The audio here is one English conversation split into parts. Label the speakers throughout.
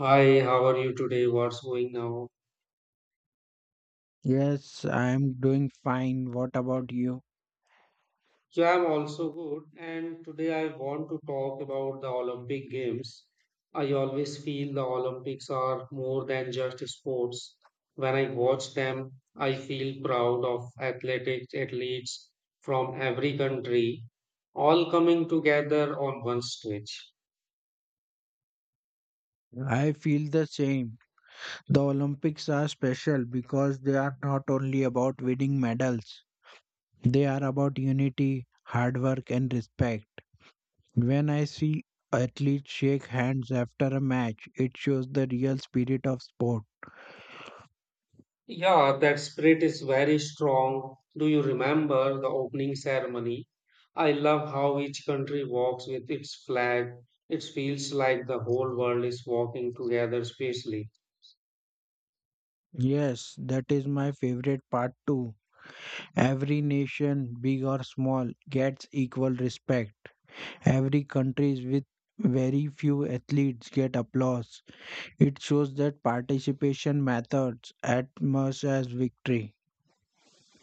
Speaker 1: Hi, how are you today? What's going now?
Speaker 2: Yes, I am doing fine. What about you?
Speaker 1: Yeah, I'm also good. And today I want to talk about the Olympic Games. I always feel the Olympics are more than just sports. When I watch them, I feel proud of athletic athletes from every country all coming together on one stage.
Speaker 2: I feel the same. The Olympics are special because they are not only about winning medals, they are about unity, hard work, and respect. When I see athletes shake hands after a match, it shows the real spirit of sport.
Speaker 1: Yeah, that spirit is very strong. Do you remember the opening ceremony? I love how each country walks with its flag. It feels like the whole world is walking together spacely.
Speaker 2: Yes, that is my favorite part too. Every nation, big or small, gets equal respect. Every countries with very few athletes get applause. It shows that participation matters as much as victory.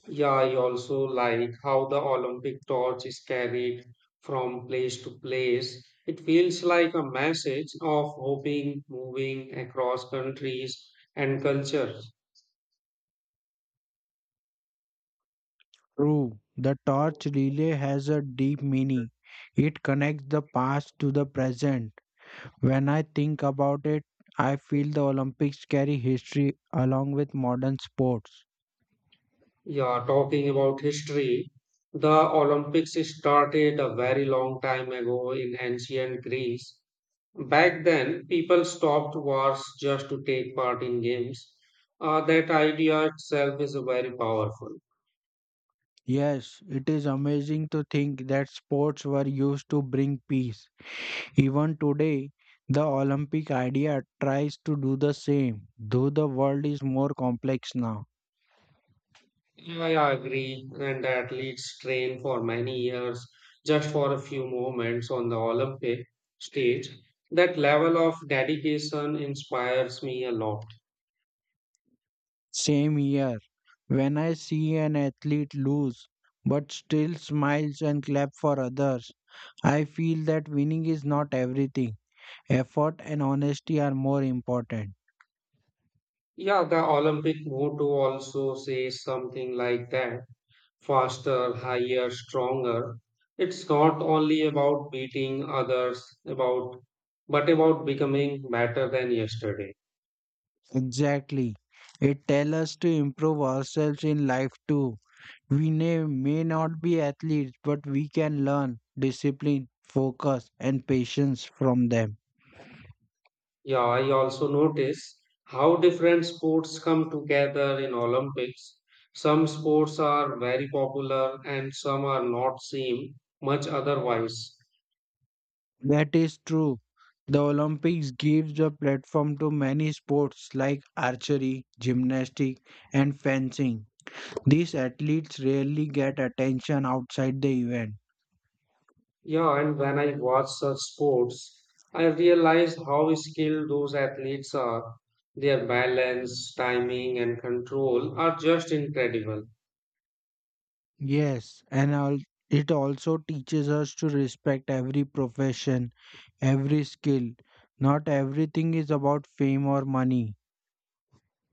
Speaker 1: Yeah, I also like how the Olympic torch is carried from place to place. It feels like a message of hoping, moving across countries and cultures.
Speaker 2: True, the torch relay has a deep meaning. It connects the past to the present. When I think about it, I feel the Olympics carry history along with modern sports.
Speaker 1: Yeah, talking about history, the Olympics started a very long time ago in ancient Greece. Back then, people stopped wars just to take part in games. That idea itself is very powerful.
Speaker 2: Yes, it is amazing to think that sports were used to bring peace. Even today, the Olympic idea tries to do the same, though the world is more complex now.
Speaker 1: Yeah, I agree, and athletes train for many years just for a few moments on the Olympic stage. That level of dedication inspires me a lot.
Speaker 2: Same here, when I see an athlete lose but still smiles and clap for others, I feel that winning is not everything. Effort and honesty are more important.
Speaker 1: Yeah, the Olympic motto also says something like that faster, higher, stronger. It's not only about beating others, about but about becoming better than yesterday.
Speaker 2: Exactly. It tells us to improve ourselves in life too. We may not be athletes, but we can learn discipline, focus, and patience from them.
Speaker 1: Yeah, I also notice how different sports come together in Olympics. Some sports are very popular and some are not seen much otherwise.
Speaker 2: That is true. The Olympics gives a platform to many sports like archery, gymnastics, and fencing. These athletes rarely get attention outside the event.
Speaker 1: Yeah, and when I watch such sports, I realize how skilled those athletes are. Their balance, timing, and control are just incredible.
Speaker 2: Yes, and it also teaches us to respect every profession, every skill. Not everything is about fame or money.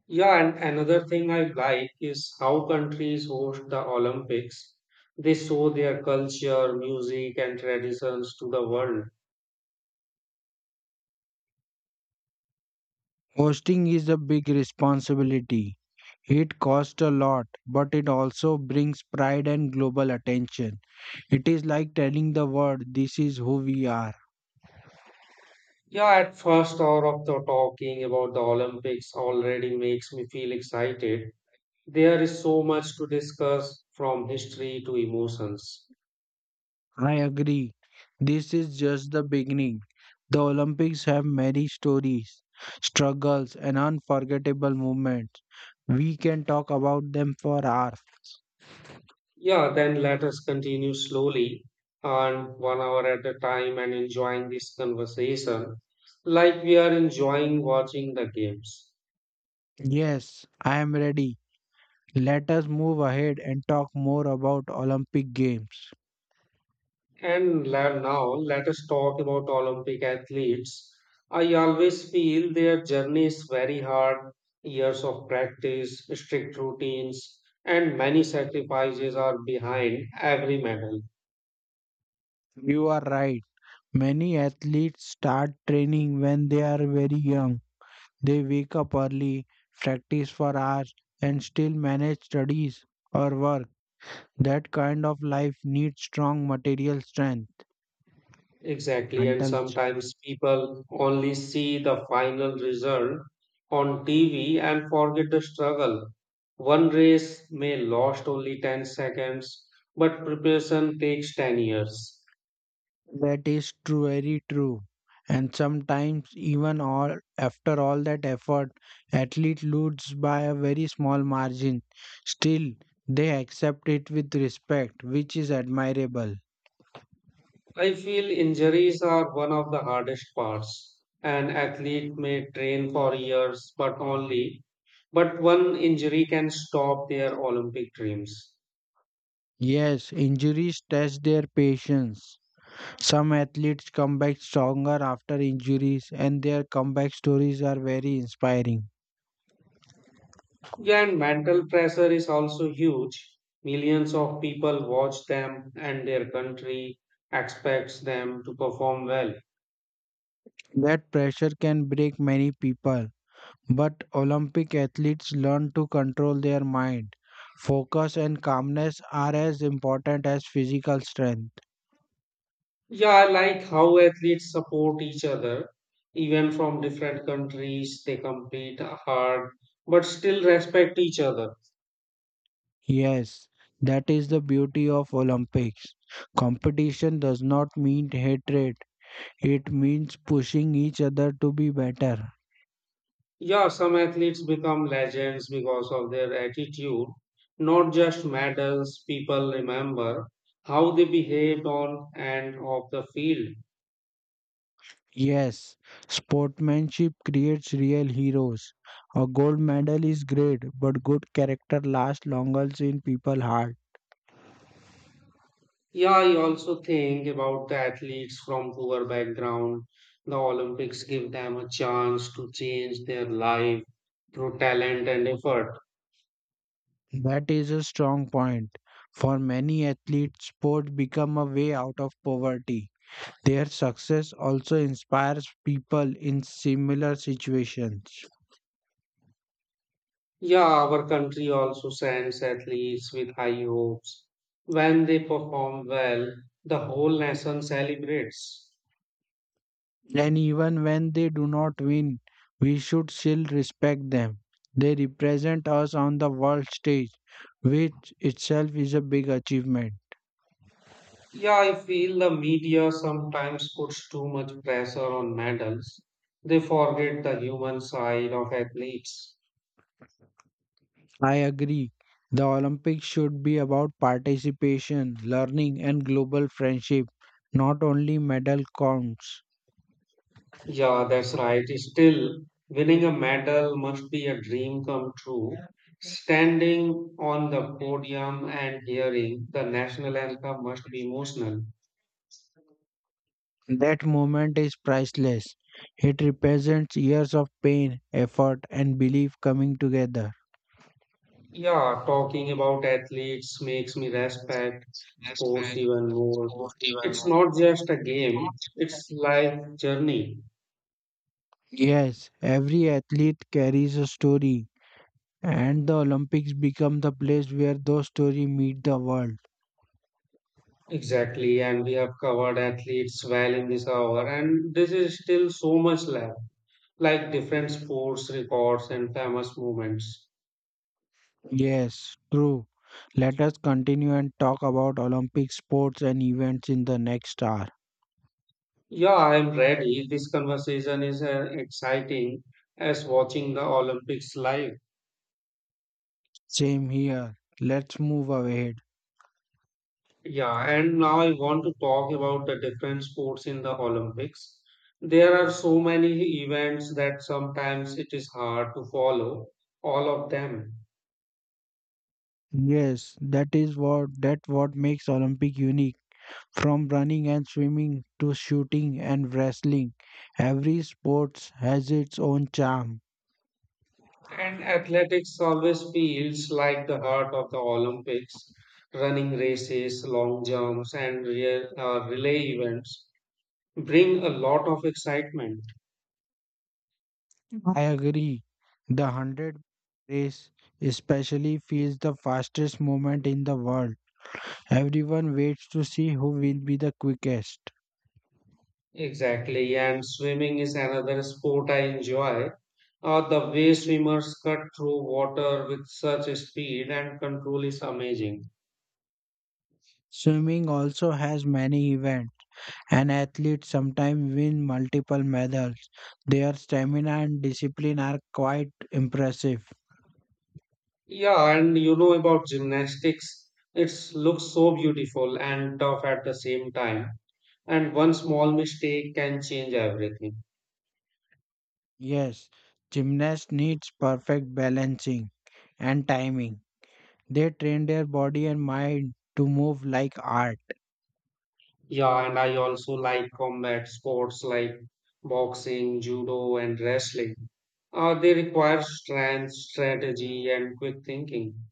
Speaker 1: Yeah, and another thing I like is how countries host the Olympics. They show their culture, music, and traditions to the world.
Speaker 2: Hosting is a big responsibility. It costs a lot, but it also brings pride and global attention. It is like telling the world, this is who we are.
Speaker 1: Yeah, at first hour of the talking about the Olympics already makes me feel excited. There is so much to discuss from history to emotions.
Speaker 2: I agree. This is just the beginning. The Olympics have many stories, struggles, and unforgettable moments. We can talk about them for hours.
Speaker 1: Yeah, then let us continue slowly and one hour at a time and enjoying this conversation like we are enjoying watching the games.
Speaker 2: Yes, I am ready. Let us move ahead and talk more about Olympic Games.
Speaker 1: Now let us talk about Olympic athletes. I always feel their journey is very hard. Years of practice, strict routines, and many sacrifices are behind every medal.
Speaker 2: You are right. Many athletes start training when they are very young. They wake up early, practice for hours, and still manage studies or work. That kind of life needs strong material strength,
Speaker 1: Exactly, and
Speaker 2: mental.
Speaker 1: sometimes people only see the final result on TV and forget the struggle. One race may last only 10 seconds, but preparation takes 10 years.
Speaker 2: That is true, very true. And sometimes, even all after all that effort, athlete lose by a very small margin. Still, they accept it with respect, which is admirable.
Speaker 1: I feel injuries are one of the hardest parts. An athlete may train for years, but one injury can stop their Olympic dreams.
Speaker 2: Yes, injuries test their patience. Some athletes come back stronger after injuries, and their comeback stories are very inspiring.
Speaker 1: Yeah, and mental pressure is also huge. Millions of people watch them, and their country expects them to perform well.
Speaker 2: That pressure can break many people, but Olympic athletes learn to control their mind. Focus and calmness are as important as physical strength.
Speaker 1: Yeah, I like how athletes support each other. Even from different countries, they compete hard but still respect each other.
Speaker 2: Yes, that is the beauty of Olympics. Competition does not mean hatred, it means pushing each other to be better.
Speaker 1: Yeah, some athletes become legends because of their attitude, not just medals. People remember how they behaved on and off the field.
Speaker 2: Yes, sportsmanship creates real heroes. A gold medal is great, but good character lasts longer in people's heart.
Speaker 1: Yeah, I also think about the athletes from poor background. The Olympics give them a chance to change their life through talent and effort.
Speaker 2: That is a strong point. For many athletes, sports become a way out of poverty. Their success also inspires people in similar situations.
Speaker 1: Yeah, our country also sends athletes with high hopes. When they perform well, the whole nation celebrates.
Speaker 2: And even when they do not win, we should still respect them. They represent us on the world stage, which itself is a big achievement.
Speaker 1: Yeah, I feel the media sometimes puts too much pressure on medals. They forget the human side of athletes.
Speaker 2: I agree. The Olympics should be about participation, learning, and global friendship, not only medal counts.
Speaker 1: Yeah, that's right. Still, winning a medal must be a dream come true. Standing on the podium and hearing the national anthem must be emotional.
Speaker 2: That moment is priceless. It represents years of pain, effort, and belief coming together.
Speaker 1: Yeah, talking about athletes makes me respect sports even more. It's not just a game, it's life journey.
Speaker 2: Yes, every athlete carries a story, and the Olympics become the place where those stories meet the world.
Speaker 1: Exactly, and we have covered athletes well in this hour, and this is still so much left, like different sports records and famous moments.
Speaker 2: Yes, true. Let us continue and talk about Olympic sports and events in the next hour.
Speaker 1: Yeah, I am ready. This conversation is as exciting as watching the Olympics live.
Speaker 2: Same here. Let's move ahead.
Speaker 1: Yeah, and now I want to talk about the different sports in the Olympics. There are so many events that sometimes it is hard to follow all of them.
Speaker 2: Yes, that is what makes Olympic unique. From running and swimming to shooting and wrestling, every sport has its own charm.
Speaker 1: And athletics always feels like the heart of the Olympics. Running races, long jumps, and relay events bring a lot of excitement.
Speaker 2: I agree. The 100 race especially feels the fastest moment in the world. Everyone waits to see who will be the quickest.
Speaker 1: Exactly, and swimming is another sport I enjoy. The way swimmers cut through water with such speed and control is amazing.
Speaker 2: Swimming also has many events. An athlete sometimes win multiple medals. Their stamina and discipline are quite impressive.
Speaker 1: Yeah, and you know about gymnastics, it looks so beautiful and tough at the same time. And one small mistake can change everything.
Speaker 2: Yes, gymnast needs perfect balancing and timing. They train their body and mind to move like art.
Speaker 1: Yeah, and I also like combat sports like boxing, judo, and wrestling. They require strength, strategy, and quick thinking.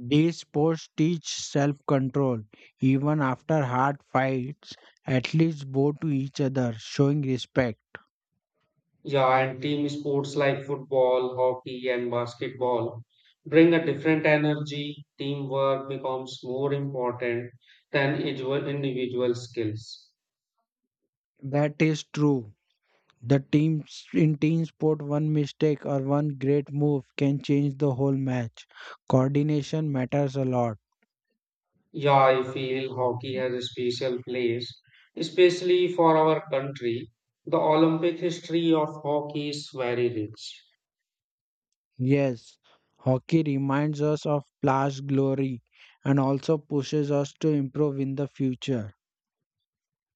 Speaker 2: These sports teach self-control. Even after hard fights, athletes bow to each other, showing respect.
Speaker 1: Yeah, and team sports like football, hockey, and basketball bring a different energy. Teamwork becomes more important than individual skills.
Speaker 2: That is true. The teams in team sport, one mistake or one great move can change the whole match. Coordination matters a lot.
Speaker 1: Yeah, I feel hockey has a special place, especially for our country. The Olympic history of hockey is very rich.
Speaker 2: Yes, hockey reminds us of past glory and also pushes us to improve in the future.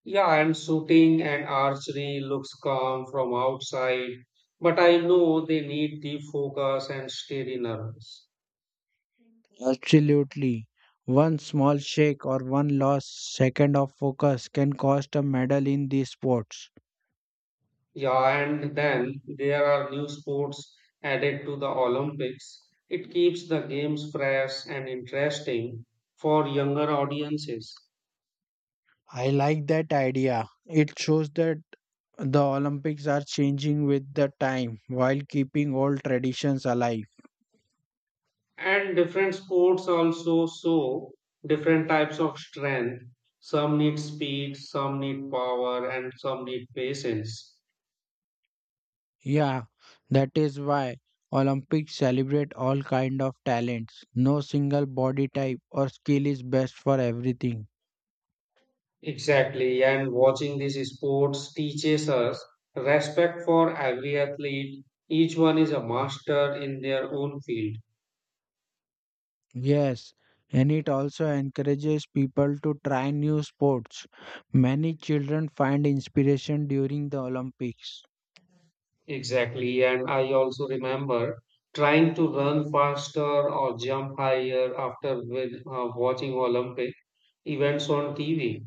Speaker 1: Yeah, and shooting and archery looks calm from outside, but I know they need deep focus and steady nerves.
Speaker 2: Absolutely. One small shake or one lost second of focus can cost a medal in these sports.
Speaker 1: Yeah, and then there are new sports added to the Olympics. It keeps the games fresh and interesting for younger audiences.
Speaker 2: I like that idea. It shows that the Olympics are changing with the time while keeping old traditions alive.
Speaker 1: And different sports also show different types of strength. Some need speed, some need power, and some need patience.
Speaker 2: Yeah, that is why Olympics celebrate all kind of talents. No single body type or skill is best for everything.
Speaker 1: Exactly. And watching these sports teaches us respect for every athlete. Each one is a master in their own field.
Speaker 2: Yes, and it also encourages people to try new sports. Many children find inspiration during the Olympics.
Speaker 1: Exactly. And I also remember trying to run faster or jump higher after watching Olympic events on TV.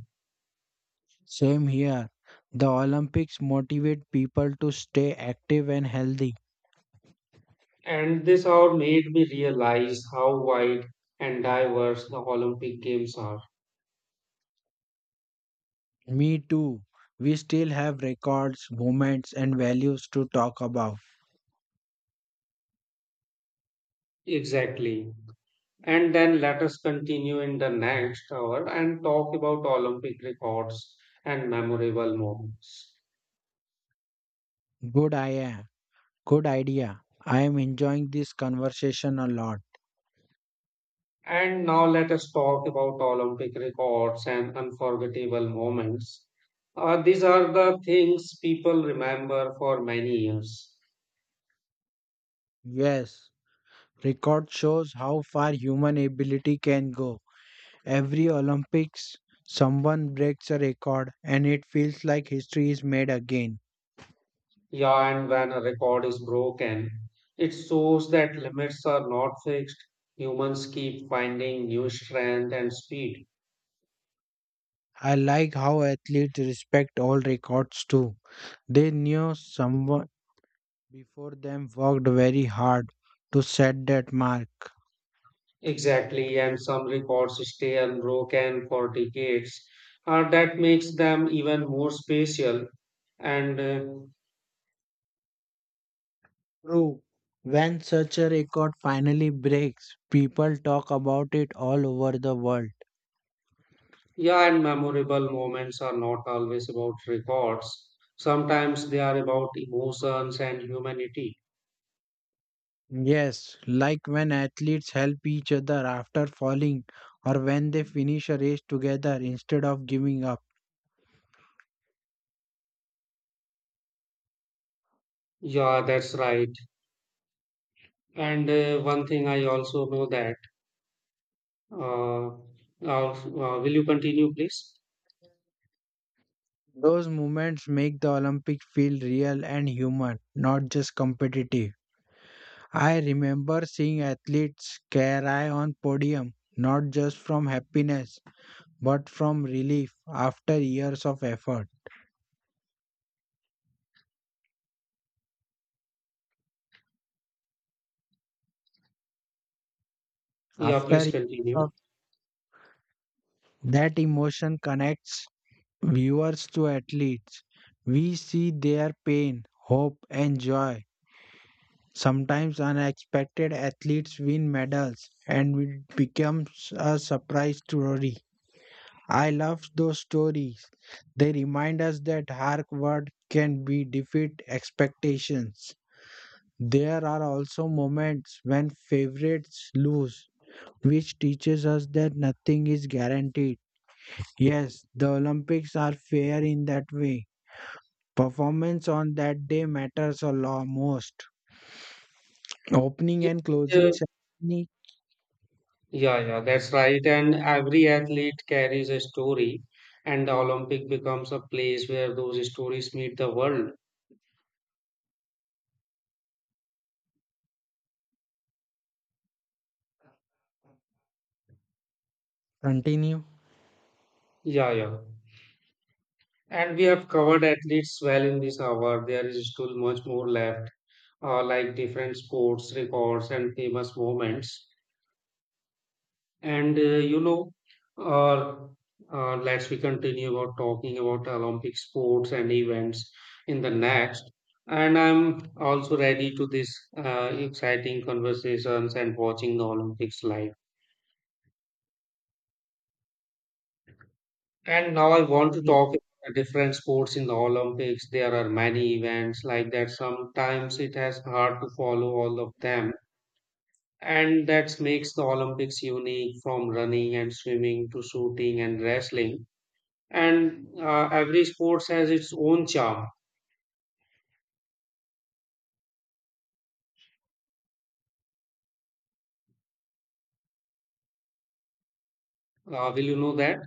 Speaker 2: Same here. The Olympics motivate people to stay active and healthy.
Speaker 1: And this hour made me realize how wide and diverse the Olympic Games are.
Speaker 2: Me too. We still have records, moments, and values to talk about.
Speaker 1: Exactly. And then let us continue in the next hour and talk about Olympic records and memorable moments.
Speaker 2: Good idea. Good idea. I am enjoying this conversation a lot.
Speaker 1: And now let us talk about Olympic records and unforgettable moments. These are the things people remember for many years.
Speaker 2: Yes, record shows how far human ability can go. Every Olympics, someone breaks a record, and it feels like history is made again.
Speaker 1: Yeah, and when a record is broken, it shows that limits are not fixed. Humans keep finding new strength and speed.
Speaker 2: I like how athletes respect all records too. They knew someone before them worked very hard to set that mark.
Speaker 1: Exactly, and some records stay unbroken for decades. That makes them even more special. And
Speaker 2: True. When such a record finally breaks, people talk about it all over the world.
Speaker 1: Yeah, and memorable moments are not always about records. Sometimes they are about emotions and humanity.
Speaker 2: Yes, like when athletes help each other after falling or when they finish a race together instead of giving up.
Speaker 1: Yeah, that's right. And One thing I also know that. Uh, will you continue, please?
Speaker 2: Those moments make the Olympics feel real and human, not just competitive. I remember seeing athletes cry on podium, not just from happiness, but from relief after years of effort.
Speaker 1: Yeah,
Speaker 2: After
Speaker 1: please
Speaker 2: years
Speaker 1: continue.
Speaker 2: of that emotion connects viewers to athletes. We see their pain, hope, and joy. Sometimes unexpected athletes win medals and it becomes a surprise story. I love those stories. They remind us that hard work can be defeat expectations. There are also moments when favorites lose, which teaches us that nothing is guaranteed. Yes, the Olympics are fair in that way. Performance on that day matters a lot most. Opening
Speaker 1: Yeah,
Speaker 2: and closing
Speaker 1: uh,
Speaker 2: ceremony.
Speaker 1: yeah, yeah, that's right. And every athlete carries a story, and the Olympic becomes a place where those stories meet the world.
Speaker 2: Continue.
Speaker 1: Yeah, yeah. And we have covered athletes well in this hour. There is still much more left, like different sports records and famous moments. And uh, you know, let's we continue about talking about Olympic sports and events in the next. And I'm also ready to this exciting conversations and watching the Olympics live. And now I want to
Speaker 2: ye-
Speaker 1: talk about different sports in the Olympics. There are many events like that. Sometimes it has hard to follow all of them. And that makes the Olympics unique from running and swimming to shooting and wrestling. And every sport has its own charm. Will you know that?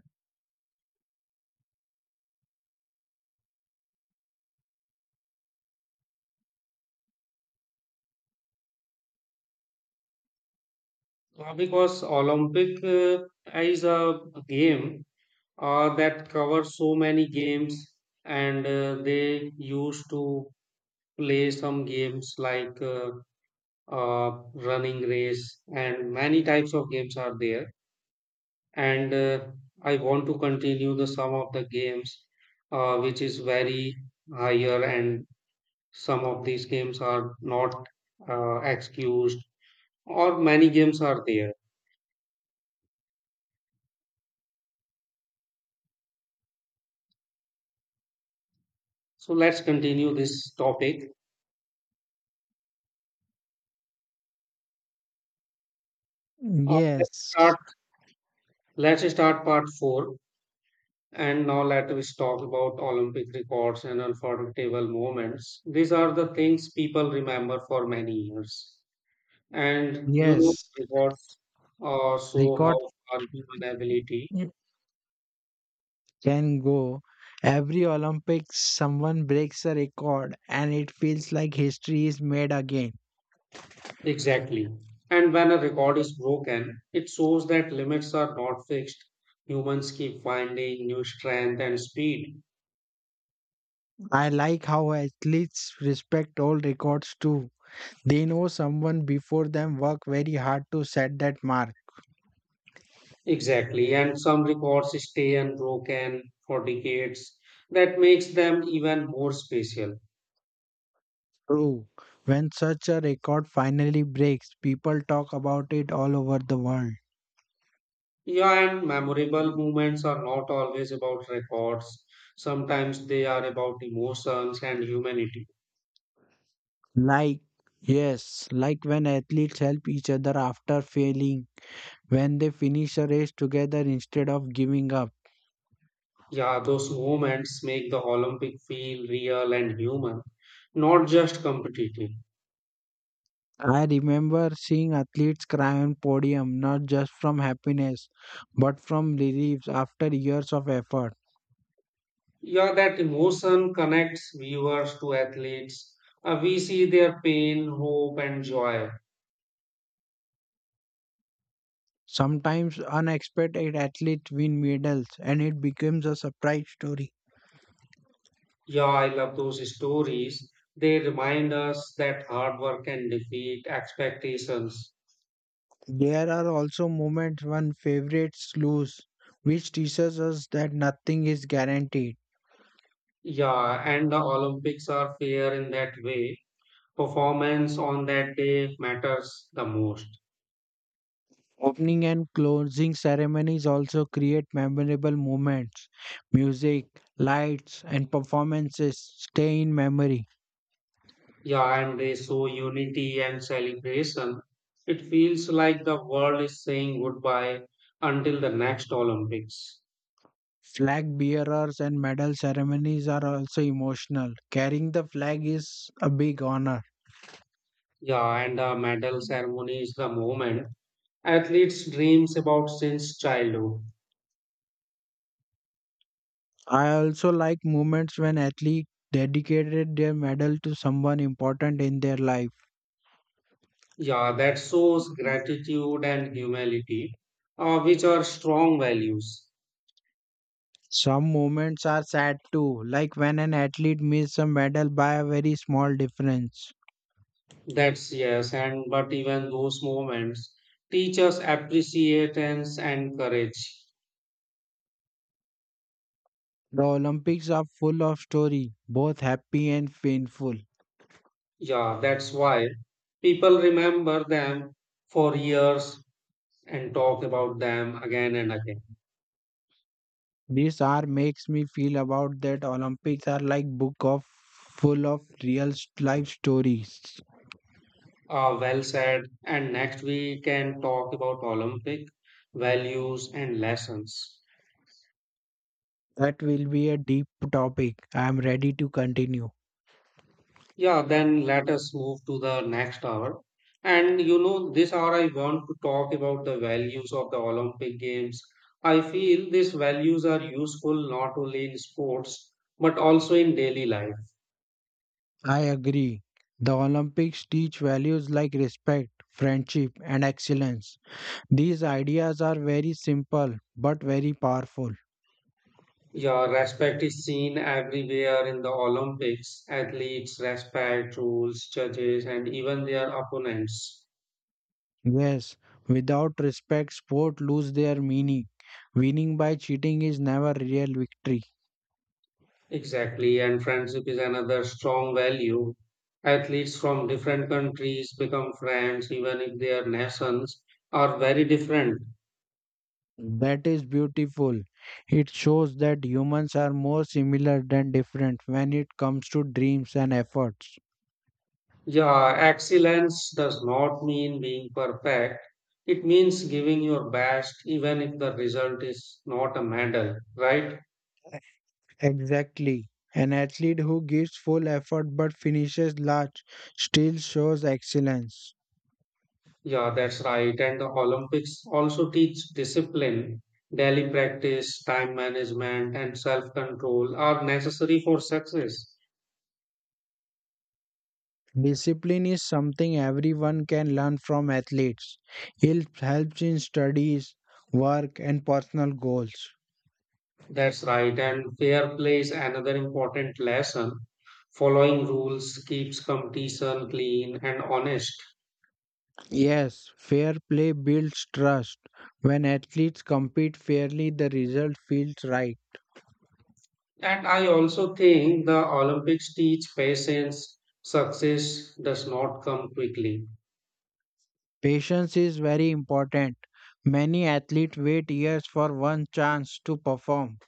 Speaker 1: Because Olympic is a game that covers so many games and they used to play some games like running race and many types of games are there and I want to continue the some of the games which is very higher and some of these games are not excused or many games are there, so let's continue this topic. uh, let's
Speaker 2: Yes,
Speaker 1: start let's start part 4. And now let us talk about Olympic records and unforgettable moments. These are the things people remember for many years. And you know,
Speaker 2: yes.
Speaker 1: records show
Speaker 2: Record.
Speaker 1: how far human ability.
Speaker 2: Mm. Can go. Every Olympics, someone breaks a record, and it feels like history is made again.
Speaker 1: Exactly. And when a record is broken, it shows that limits are not fixed. Humans keep finding new strength and speed.
Speaker 2: I like how athletes respect old records too. They know someone before them worked very hard to set that mark.
Speaker 1: Exactly. And some records stay unbroken for decades. That makes them even more special.
Speaker 2: True. When such a record finally breaks, people talk about it all over the world.
Speaker 1: Yeah, and memorable moments are not always about records. Sometimes they are about emotions and humanity.
Speaker 2: Like, yes, like when athletes help each other after failing, when they finish a race together instead of giving up.
Speaker 1: Yeah, those moments make the Olympic feel real and human, not just competitive.
Speaker 2: I remember seeing athletes cry on podium, not just from happiness, but from relief after years of effort.
Speaker 1: Yeah, that emotion connects viewers to athletes. We see their pain, hope, and joy.
Speaker 2: Sometimes unexpected athletes win medals, and it becomes a surprise story.
Speaker 1: Yeah, I love those stories. They remind us that hard work can defeat expectations.
Speaker 2: There are also moments when favorites lose, which teaches us that nothing is guaranteed.
Speaker 1: Yeah, and the Olympics are fair in that way. Performance on that day matters the most.
Speaker 2: Opening and closing ceremonies also create memorable moments. Music, lights, and performances stay in memory.
Speaker 1: Yeah, and they show unity and celebration. It feels like the world is saying goodbye until the next Olympics.
Speaker 2: Flag bearers and medal ceremonies are also emotional. Carrying the flag is a big honor.
Speaker 1: Yeah, and the medal ceremony is the moment athletes dreams about since childhood.
Speaker 2: I also like moments when athletes dedicated their medal to someone important in their life.
Speaker 1: Yeah, that shows gratitude and humility, which are strong values.
Speaker 2: Some moments are sad too, like when an athlete misses a medal by a very small difference.
Speaker 1: That's yes, and but even those moments teach us appreciations and courage.
Speaker 2: The Olympics are full of story, both happy and painful.
Speaker 1: Yeah, that's why people remember them for years and talk about them again and again.
Speaker 2: This hour makes me feel about that Olympics are like book of full of real life stories.
Speaker 1: Well said. And next we can talk about Olympic values and lessons.
Speaker 2: That will be a deep topic. I am ready to continue.
Speaker 1: Yeah, then let us move to the next hour. And you know, this hour I want to talk about the values of the Olympic Games. I feel these values are useful not only in sports but also in daily life.
Speaker 2: I agree. The Olympics teach values like respect, friendship, and excellence. These ideas are very simple but very powerful.
Speaker 1: Yeah, respect is seen everywhere in the Olympics. Athletes respect rules, judges, and even their opponents.
Speaker 2: Yes, without respect, sport lose their meaning. Winning by cheating is never real victory.
Speaker 1: Exactly, and friendship is another strong value. Athletes from different countries become friends even if their nations are very different.
Speaker 2: That is beautiful. It shows that humans are more similar than different when it comes to dreams and efforts.
Speaker 1: Yeah, excellence does not mean being perfect. It means giving your best even if the result is not a medal, right?
Speaker 2: Exactly. An athlete who gives full effort but finishes last still shows excellence.
Speaker 1: Yeah, that's right. And the Olympics also teach discipline. Daily practice, time management, and self control are necessary for success.
Speaker 2: Discipline is something everyone can learn from athletes. It helps in studies, work, and personal goals.
Speaker 1: That's right. And fair play is another important lesson. Following rules keeps competition clean and honest.
Speaker 2: Yes, fair play builds trust. When athletes compete fairly, the result feels right.
Speaker 1: And I also think the Olympics teach patience. Success does not come quickly.
Speaker 2: Patience is very important. Many athletes wait years for one chance to perform.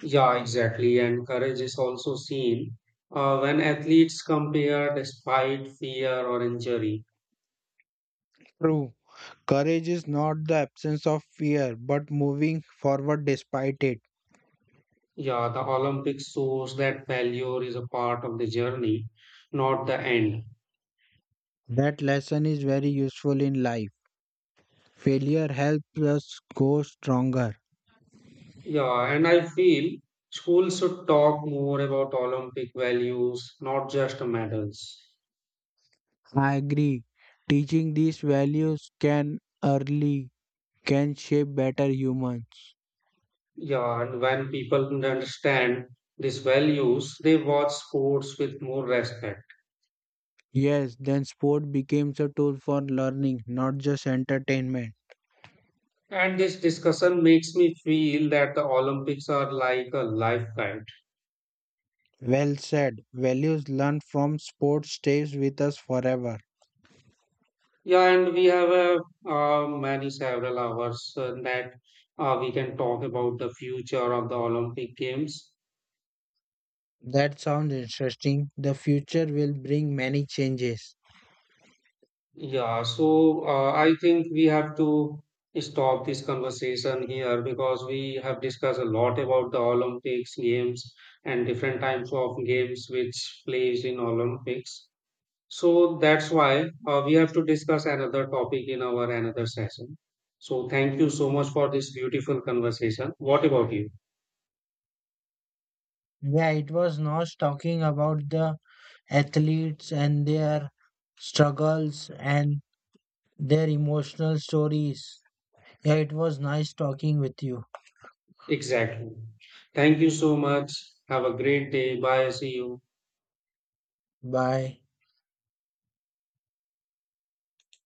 Speaker 1: Yeah, exactly. And courage is also seen when athletes compare despite fear or injury.
Speaker 2: True. Courage is not the absence of fear, but moving forward despite it.
Speaker 1: Yeah, the Olympics shows that failure is a part of the journey, not the end.
Speaker 2: That lesson is very useful in life. Failure helps us grow stronger.
Speaker 1: Yeah, and I feel schools should talk more about Olympic values, not just medals.
Speaker 2: I agree. Teaching these values can early can shape better humans.
Speaker 1: Yeah, and when people understand these values, they watch sports with more respect.
Speaker 2: Yes, then sport becomes a tool for learning, not just entertainment.
Speaker 1: And this discussion makes me feel that the Olympics are like a life guide.
Speaker 2: Well said. Values learned from sport stays with us forever.
Speaker 1: Yeah, and uh, many several hours that we can talk about the future of the Olympic Games.
Speaker 2: That sounds interesting. The future will bring many changes.
Speaker 1: Yeah, so I think we have to stop this conversation here because we have discussed a lot about the Olympics games and different types of games which plays in Olympics. So that's why we have to discuss another topic in our another session. So thank you so much for this beautiful conversation. What about you?
Speaker 2: Yeah, it was Nosh talking about the athletes and their struggles and their emotional stories. Yeah, it was nice talking with you.
Speaker 1: Exactly. Thank you so much. Have a great day. Bye. See you.
Speaker 2: Bye.